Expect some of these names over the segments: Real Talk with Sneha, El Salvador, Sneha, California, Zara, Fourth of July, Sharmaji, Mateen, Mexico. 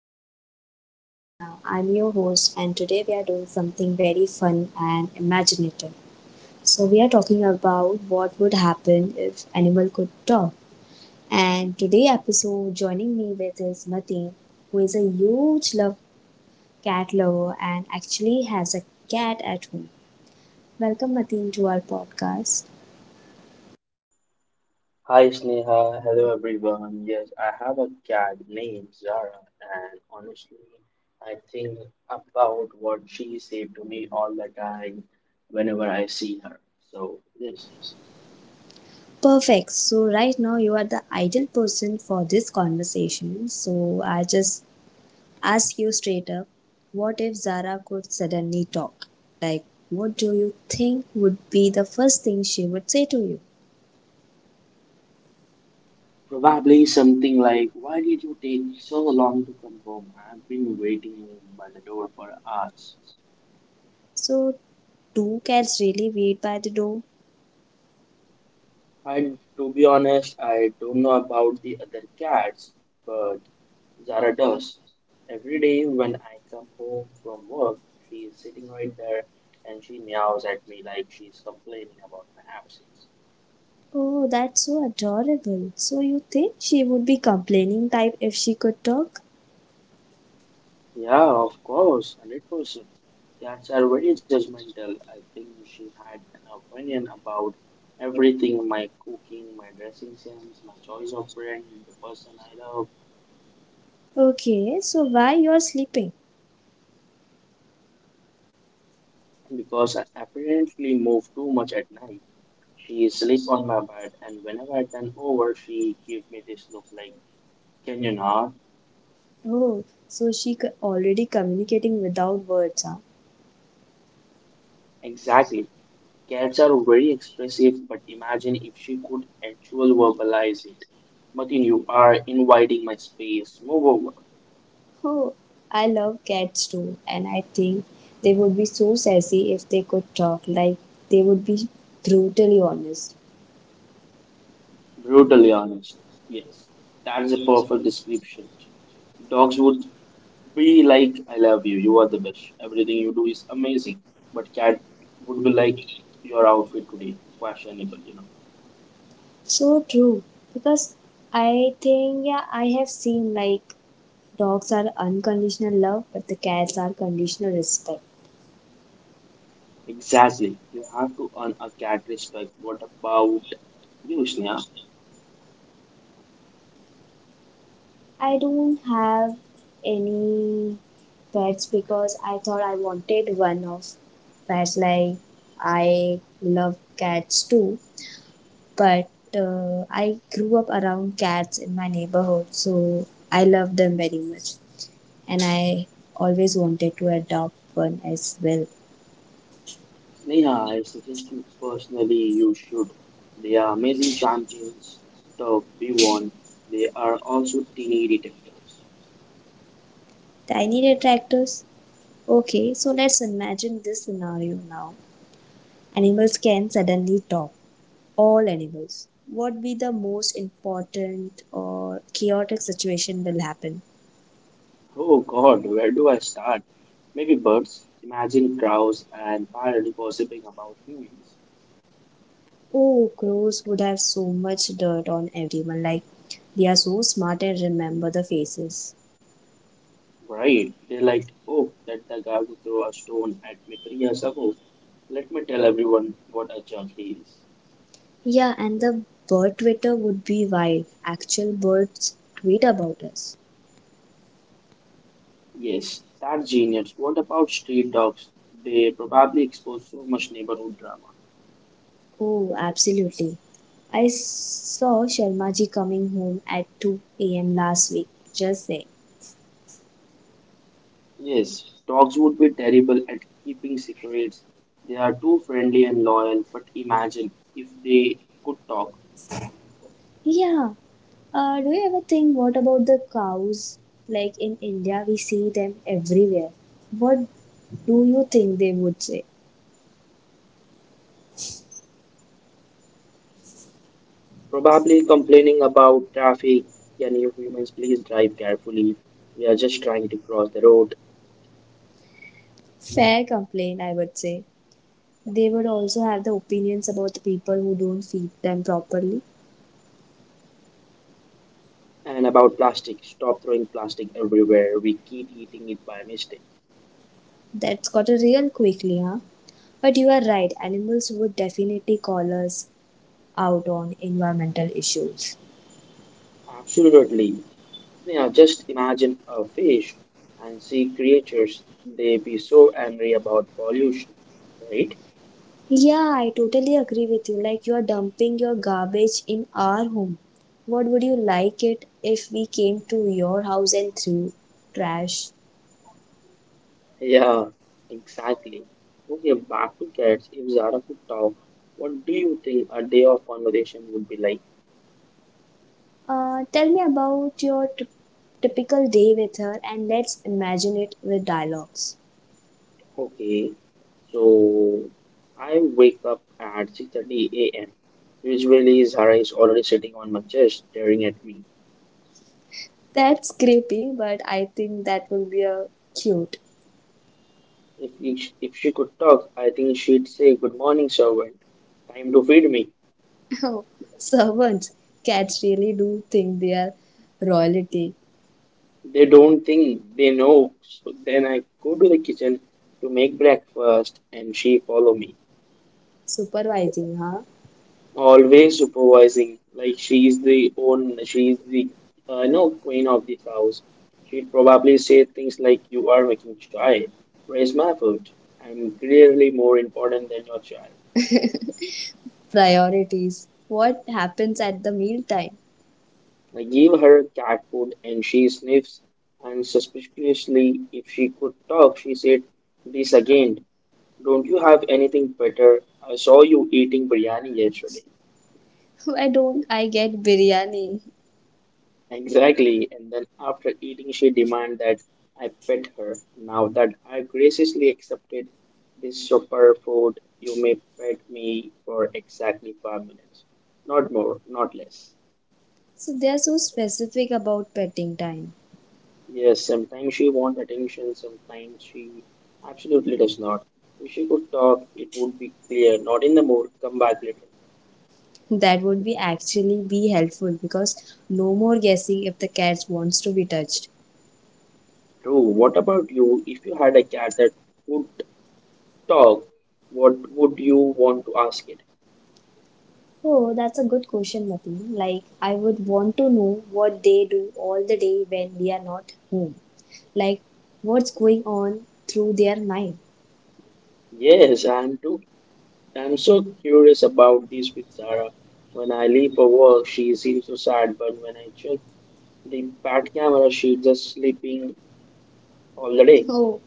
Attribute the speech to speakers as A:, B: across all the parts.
A: of Real Talk with Sneha. I'm your host, and today we are doing something very fun and imaginative. So, we are talking about what would happen if animal could talk. And today episode, joining me with is Mateen, who is a huge love cat lover and actually has a cat at home. Welcome, Mateen, to our podcast.
B: Hi Sneha, hello everyone. Yes, I have a cat named Zara, and honestly, I think about what she said to me all the time whenever I see her. So, yes,
A: Perfect. So, right now you are the ideal person for this conversation. So, I just ask you straight up, what if Zara could suddenly talk? Like, what do you think would be the first thing she would say to you?
B: probably something like, why did you take so long to come home? I've been waiting by the door for hours.
A: So, two cats really wait by the door?
B: I To be honest, I don't know about the other cats, but Zara does. Every day when I come home from work, she is sitting right there and she meows at me like she's complaining about my absence.
A: Oh, that's so adorable. So, you think she would be complaining type if she could talk?
B: Yeah, of course, 100%. Cats are very judgmental. I think she had an opinion about everything, my cooking, my dressing sense, my choice of friend, the person I love,
A: Okay, so why you're sleeping?
B: because I apparently move too much at night. She sleep on my bed and whenever I turn over she give me this look like, can you not?
A: Oh, so she already communicating without words, huh?
B: Exactly. Cats are very expressive but imagine if she could actually verbalize it. Martin, you are inviting my space. Move over.
A: Oh, I love cats too, and I think they would be so sassy if they could talk, like they would be brutally honest.
B: Brutally honest. Yes. That's a perfect description. Dogs would be like, I love you, you are the best. Everything you do is amazing. But cat would be like, your outfit today. Questionable, you know.
A: So true, because I think, yeah, I have seen like dogs are unconditional love, but the cats are conditional respect.
B: Exactly. You have to earn a cat respect. What about you, Sneha?
A: I don't have any pets because I thought I wanted one of pets, like I love cats too but I grew up around cats in my neighborhood, so I love them very much. And I always wanted to adopt one as well.
B: Sneha, I suggest you personally you should. They are amazing champions. The we won. They are also teeny detectors.
A: Tiny detractors? Okay, so let's imagine this scenario now. Animals can suddenly talk. All animals. What be the most important or chaotic situation will happen?
B: Oh God, where do I start? Maybe birds. Imagine crows and parrots gossiping about humans.
A: Oh, crows would have so much dirt on everyone. Like, they are so smart and remember the faces.
B: Right? They're like, oh, that the guy who threw a stone at me three years ago. Let me tell everyone what a jerk he is.
A: Yeah, and the bird Twitter would be wild. Actual birds tweet about us.
B: Yes, that's genius. What about street dogs? They probably expose so much neighborhood drama.
A: Oh, absolutely. Saw Sharmaji coming home at 2 a.m. last week. Just saying.
B: Yes, dogs would be terrible at keeping secrets. They are too friendly and loyal, but imagine if they could talk.
A: Yeah. Do you ever think what about the cows? Like in India, we see them everywhere. What do you think they would say?
B: Probably complaining about traffic. Can you humans please drive carefully? We are just trying to cross the road.
A: Fair complaint, I would say. They would also have the opinions about the people who don't feed them properly.
B: And about plastic, stop throwing plastic everywhere. We keep eating it by mistake.
A: That's got a real quickly, huh? But you are right, animals would definitely call us out on environmental issues.
B: Absolutely. Sneha, just imagine a fish and sea creatures. They be so angry about pollution, right?
A: Yeah, I totally agree with you. Like, you are dumping your garbage in our home. What would you like it if we came to your house and threw trash?
B: Yeah, exactly. Okay, back to cats. If Zara could talk, what do you think a day of conversation would be like?
A: Tell me about your typical day with her and let's imagine it with dialogues.
B: Okay, so I wake up at 6:30 a.m. Usually, Zara is already sitting on my chest, staring at me.
A: That's creepy, but I think that would be a cute.
B: If, if she could talk, I think she'd say, "Good morning, servant. Time to feed me."
A: Oh, servants. Cats really do think they are royalty.
B: They don't think, they know. So then I go to the kitchen to make breakfast and she follow me.
A: Supervising, huh?
B: Always supervising, like she is the own, she is the no queen of this house. She'd probably say things like, "You are making chai. Where's my food? I'm clearly more important than your chai."
A: Priorities. What happens at the mealtime?
B: I give her cat food and she sniffs, and suspiciously, if she could talk, she said, "This again. Don't you have anything better? I saw you eating biryani yesterday."
A: Why don't I get biryani?
B: Exactly. And then after eating, she demanded that I pet her. Now that I graciously accepted this superfood, you may pet me for exactly five minutes. Not more, not less.
A: So they are so specific about petting time.
B: Yes, sometimes she wants attention, sometimes she absolutely does not. If she could talk, it would be clear. Not in the mood, come back later.
A: That would be actually be helpful because no more guessing if the cat wants to be touched.
B: True. What about you? If you had a cat that would talk, what would you want to ask it?
A: Oh, that's a good question, Mati. Like, I would want to know what they do all the day when we are not home, like what's going on through their mind.
B: Yes, I am too. I am so curious about this with Zara. When I leave for work, she seems so sad, but when I check the fat camera, she's just sleeping all the day.
A: Oh,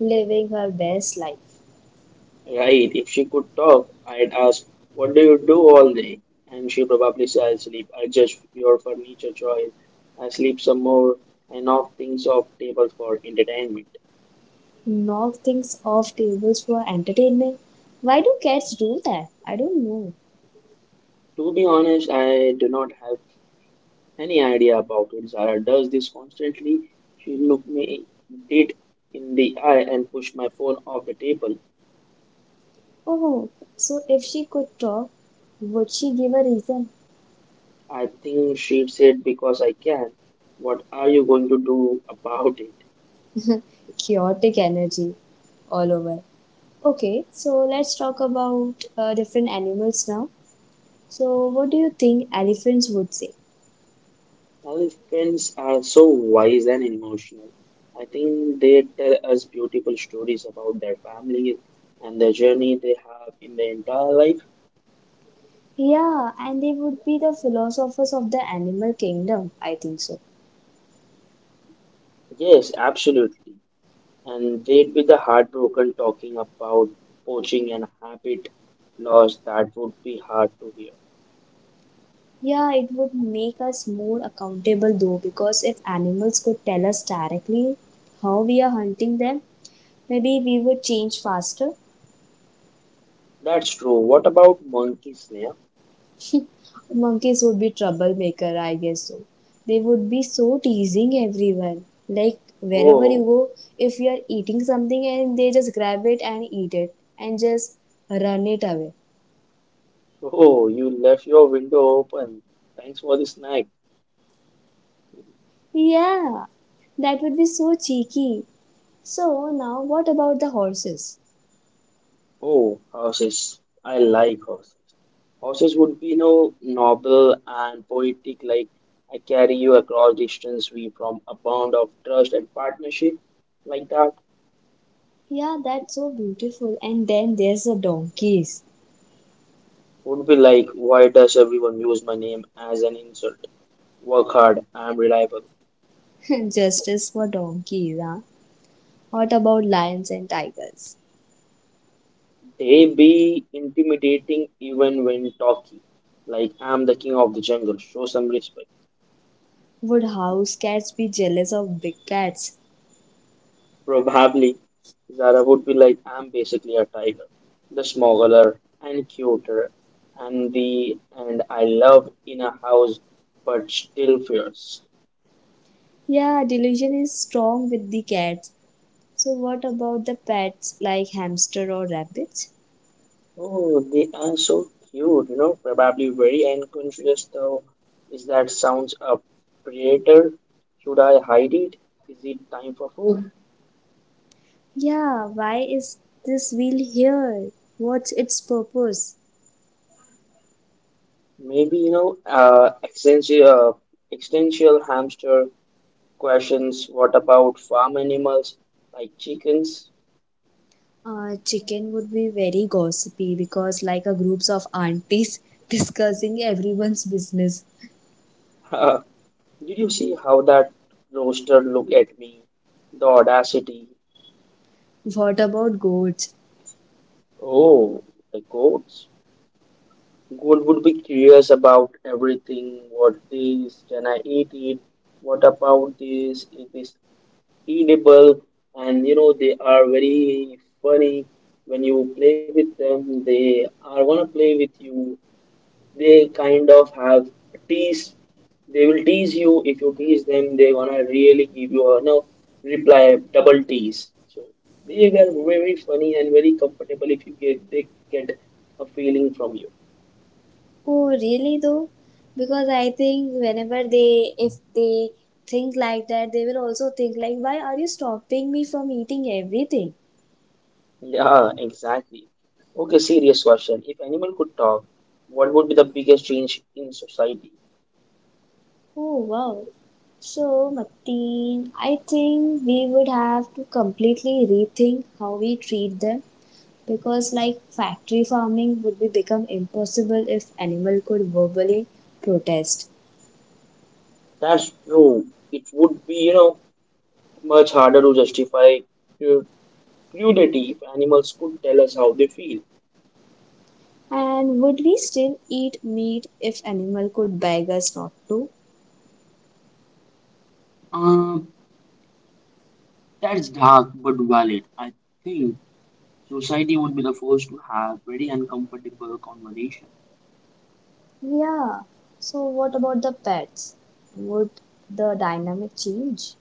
A: living her best life.
B: Right, if she could talk, I'd ask, what do you do all day? And she probably says, I sleep. I just your furniture choice. I sleep some more and knock things off table for entertainment.
A: Knock things off tables for entertainment. Why do cats do that? I don't know.
B: To be honest, I do not have any idea about it. Zara does this constantly. She looked me dead in the eye and pushed my phone off the table.
A: Oh, so if she could talk, would she give a reason?
B: I think she said, because I can. What are you going to do about it?
A: Chaotic energy all over. Okay, so let's talk about different animals now. So, what do you think elephants would say?
B: Elephants are so wise and emotional. I think they tell us beautiful stories about their families and the journey they have in their entire life.
A: Yeah, and they would be the philosophers of the animal kingdom. I think so.
B: Yes, absolutely. And they'd be the heartbroken talking about poaching and habit loss that would be hard to hear.
A: Yeah, it would make us more accountable though, because if animals could tell us directly how we are hunting them, maybe we would change faster.
B: That's true. What about monkey snare?
A: Monkeys would be troublemaker, I guess so. They would be so teasing everyone. Like wherever you
B: Oh,
A: go, if you are eating something and they just grab it and eat it and just run it away.
B: oh, you left your window open. Thanks for the snack.
A: Yeah, that would be so cheeky. So now what about the horses?
B: Oh, horses. I like horses. Horses would be no noble and poetic like, I carry you across distance we from a bond of trust and partnership like that.
A: Yeah, that's so beautiful. And then there's the donkeys.
B: Would be like, why does everyone use my name as an insult? Work hard, I am reliable.
A: Justice for donkeys, huh? What about lions and tigers?
B: They be intimidating even when talking. Like, I'm the king of the jungle. Show some respect.
A: Would house cats be jealous of big cats?
B: Probably Zara would be like, I'm basically a tiger. The smaller and cuter and the and I love in a house but still fierce.
A: Yeah, delusion is strong with the cats. So what about the pets like hamster or rabbits?
B: Oh, they are so cute, you know, probably very unconscious though. Is that sounds a predator? Should I hide it? Is it time for food?
A: Yeah, why is this wheel here? What's its purpose?
B: Maybe, existential, existential hamster questions. What about farm animals like chickens?
A: Chicken would be very gossipy because like a groups of aunties discussing everyone's business.
B: Uh, did you see how that rooster looked at me? The audacity.
A: What about goats?
B: Oh, the goats. Goat would be curious about everything. What this? Can I eat it? What about this? Is this edible? And you know they are very funny, when you play with them they are gonna play with you. They kind of have tease, they will tease you, if you tease them they gonna really give you a no reply double tease. So they are very funny and very comfortable if you get, they get a feeling from you.
A: Oh, really though? Because I think whenever they, if they think like that, they will also think like, why are you stopping me from eating everything?
B: Yeah, exactly. Okay, serious question, if animal could talk, what would be the biggest change in society?
A: Oh, wow. So, Martin, I think we would have to completely rethink how we treat them because, like, factory farming would be become impossible if animal could verbally protest.
B: That's true. It would be, you know, much harder to justify cru- cruelty if animals could tell us how they feel.
A: And would we still eat meat if animal could beg us not to?
B: Uh, that's dark but valid. I think society would be the first to have very uncomfortable conversation.
A: Yeah. So what about the pets? Would the dynamic change?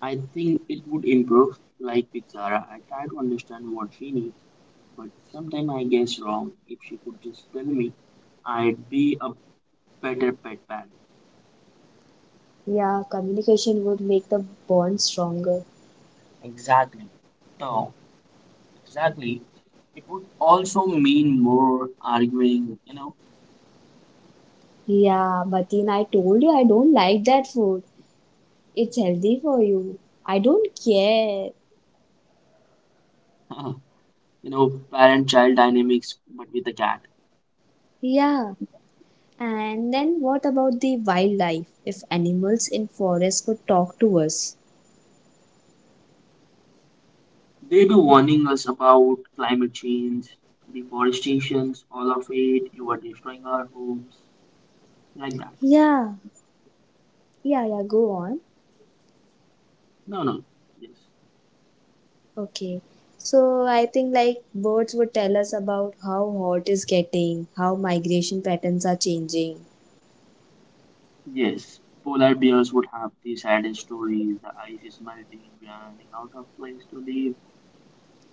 B: I think it would improve. Like with Zara, I try to understand what she needs, but sometimes I guess wrong. If she could just tell me, I'd be a better pet parent.
A: Yeah, communication would make the bond stronger.
B: Exactly. So exactly. It would also mean more arguing, you know,
A: Yeah, Mateen, I told you I don't like that food. It's healthy for you. I don't care.
B: you know, parent-child dynamics, but with a cat.
A: Yeah. And then what about the wildlife? If animals in forest could talk to us?
B: They be warning us about climate change, deforestations, all of it. You are destroying our homes, like that.
A: Yeah. Yeah, yeah, go on.
B: No, no. Yes,
A: Okay. So I think like birds would tell us about how hot is getting, how migration patterns are changing.
B: yes. Polar bears would have the saddest stories. The ice is melting. We are running out of place to live.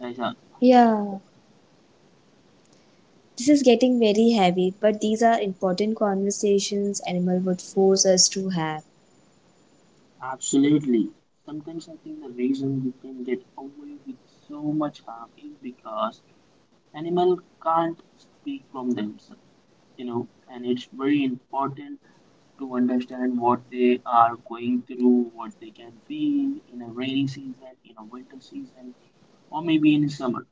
B: Like,
A: Yeah. This is getting very heavy, but these are important conversations animal would force us to have.
B: absolutely. Sometimes I think the reason we can get away with so much harm is because animals can't speak from themselves, you know, and it's very important to understand what they are going through, what they can feel in a rainy season, in a winter season, or maybe in summer.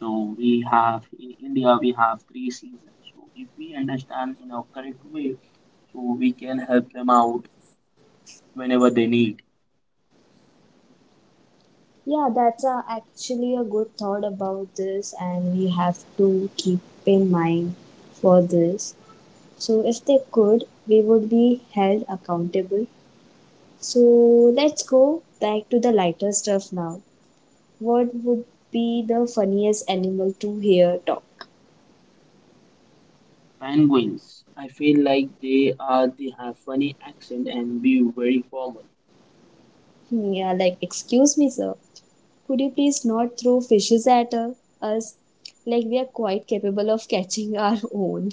B: So we have, in India we have 3 seasons. So if we understand in a correct way, so we can help them out whenever they need.
A: Yeah, that's a, actually a good thought about this and we have to keep in mind for this. So if they could, we would be held accountable. So let's go back to the lighter stuff now. What would be the funniest animal to hear talk?
B: Penguins. I feel like they are, they have funny accent and be very formal.
A: Hmm, yeah, like, excuse me, sir. Could you please not throw fishes at us? Like, we are quite capable of catching our own.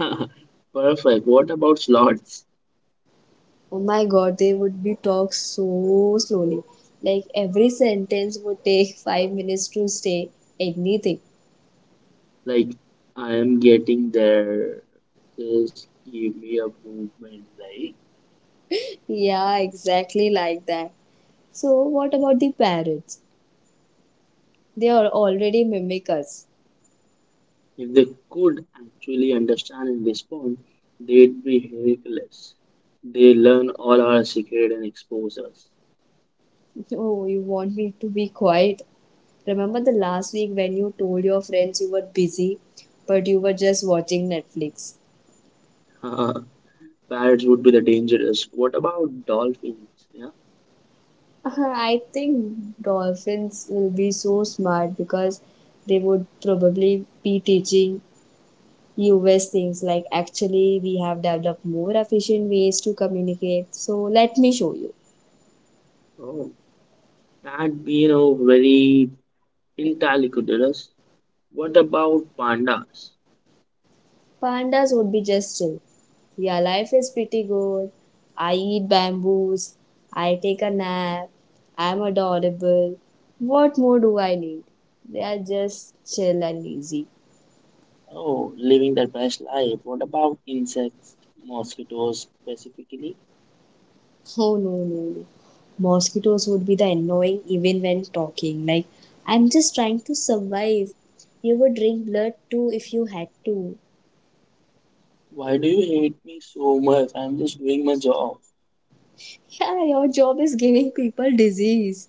B: Perfect. What about sloths?
A: Oh my god, they would be talk so slowly. Like, every sentence would take 5 minutes to say anything.
B: Like, I am getting there. Just give me a movement. Like,
A: Yeah, exactly like that. So, what about the parrots? They are already mimic us.
B: if they could actually understand and respond, they'd be hilarious. They learn all our secret and expose us.
A: Oh, you want me to be quiet? Remember the last week when you told your friends you were busy, but you were just watching Netflix?
B: Parrots would be the dangerous. What about dolphins? Yeah.
A: I think dolphins will be so smart because they would probably be teaching US things like actually we have developed more efficient ways to communicate. So let me show you.
B: Oh, that'd be you know very entirely curious. What about pandas?
A: Pandas would be just chill. Yeah, life is pretty good. I eat bamboos. I take a nap. I'm adorable. What more do I need? They are just chill and easy.
B: Oh, living their best life. What about insects, mosquitoes specifically?
A: Oh no, no, no. Mosquitoes would be the annoying even when talking. Like, I'm just trying to survive. You would drink blood too if you had to.
B: Why do you hate me so much? I'm just doing my job.
A: Yeah, your job is giving people disease.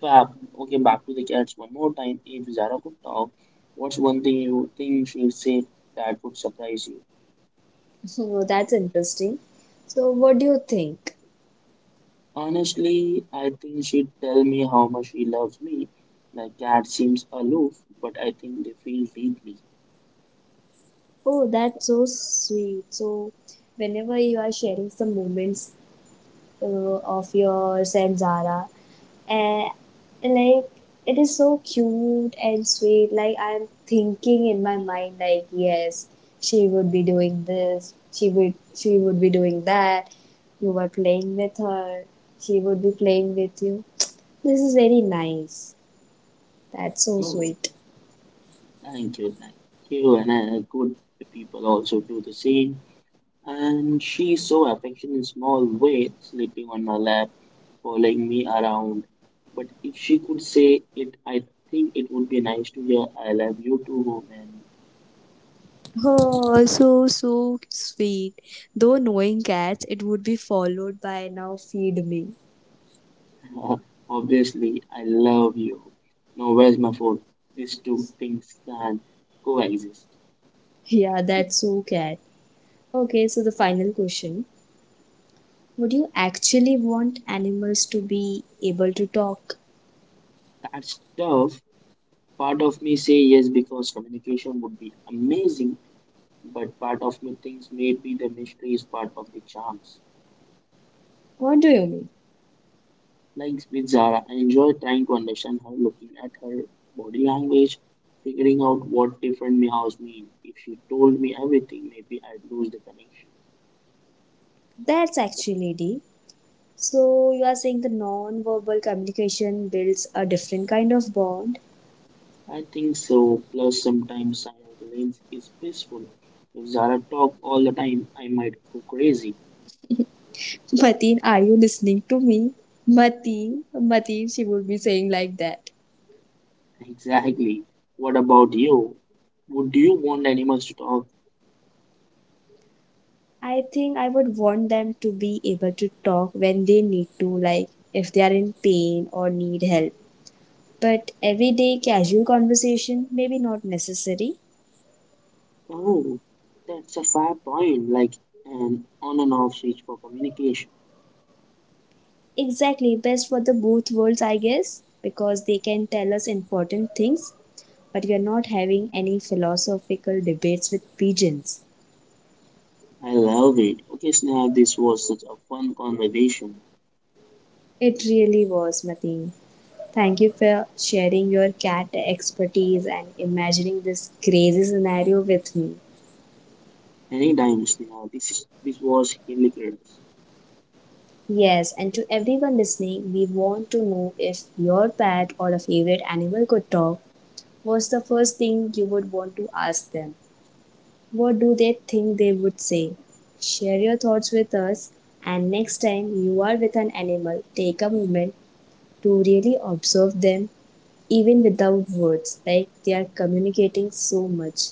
B: Fab. Okay, back to the cats one more time. If Zara could talk, what's one thing you think she'd say that would surprise you?
A: Oh, that's interesting. So, what do you think?
B: Honestly, I think she'd tell me how much she loves me. Like cat seems aloof, but I think they feel deeply.
A: Oh, that's so sweet. So, whenever you are sharing some moments of yours and Zara, and like it is so cute and sweet. Like I'm thinking in my mind, like yes, she would be doing this. She would be doing that. You were playing with her. She would be playing with you. This is very nice. That's so
B: Oh.
A: sweet.
B: Thank you, and good people also do the same. And she's so affectionate in small way, sleeping on my lap, following me around. But if she could say it, I think it would be nice to hear, I love you too, man.
A: Oh, so so sweet. Though knowing cats, it would be followed by now feed me.
B: Obviously, I love you. Now, where's my phone? These two things can't coexist.
A: Yeah, that's so cat. Okay, so the final question. Would you actually want animals to be able to talk?
B: That's tough. Part of me say yes because communication would be amazing, but part of me thinks maybe the mystery is part of the charms.
A: What do you mean?
B: Like with Zara, I enjoy trying to understand her, looking at her body language, figuring out what different meows mean. If she told me everything, maybe I'd lose the connection.
A: That's actually deep. So you are saying the non-verbal communication builds a different kind of bond.
B: I think so. Plus, sometimes silence is peaceful. If Zara talked all the time, I might go crazy.
A: Mateen, are you listening to me? Mateen, Mateen, she would be saying like that.
B: Exactly. What about you? Would you want animals to talk?
A: I think I would want them to be able to talk when they need to, like if they are in pain or need help. But everyday casual conversation, maybe not necessary.
B: Oh, that's a fair point. Like an on and off switch for communication.
A: Exactly, best for the both worlds, I guess, because they can tell us important things, but we are not having any philosophical debates with pigeons.
B: I love it. Okay, Sneha, this was such a fun conversation.
A: It really was, Mateen. Thank you for sharing your cat expertise and imagining this crazy scenario with me.
B: Anytime, Sneha. This was hilarious.
A: Yes, and to everyone listening, we want to know if your pet or a favorite animal could talk, what's the first thing you would want to ask them? What do they think they would say? Share your thoughts with us, and next time you are with an animal, take a moment to really observe them, even without words, like they are communicating so much.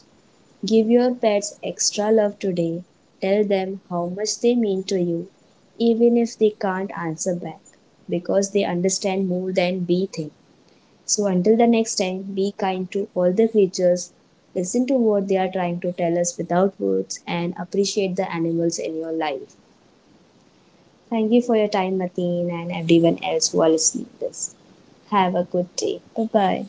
A: Give your pets extra love today. Tell them how much they mean to you, even if they can't answer back, because they understand more than we think. So, until the next time, be kind to all the creatures, listen to what they are trying to tell us without words, and appreciate the animals in your life. Thank you for your time, Mateen, and everyone else who are listening to this. Have a good day. Bye bye.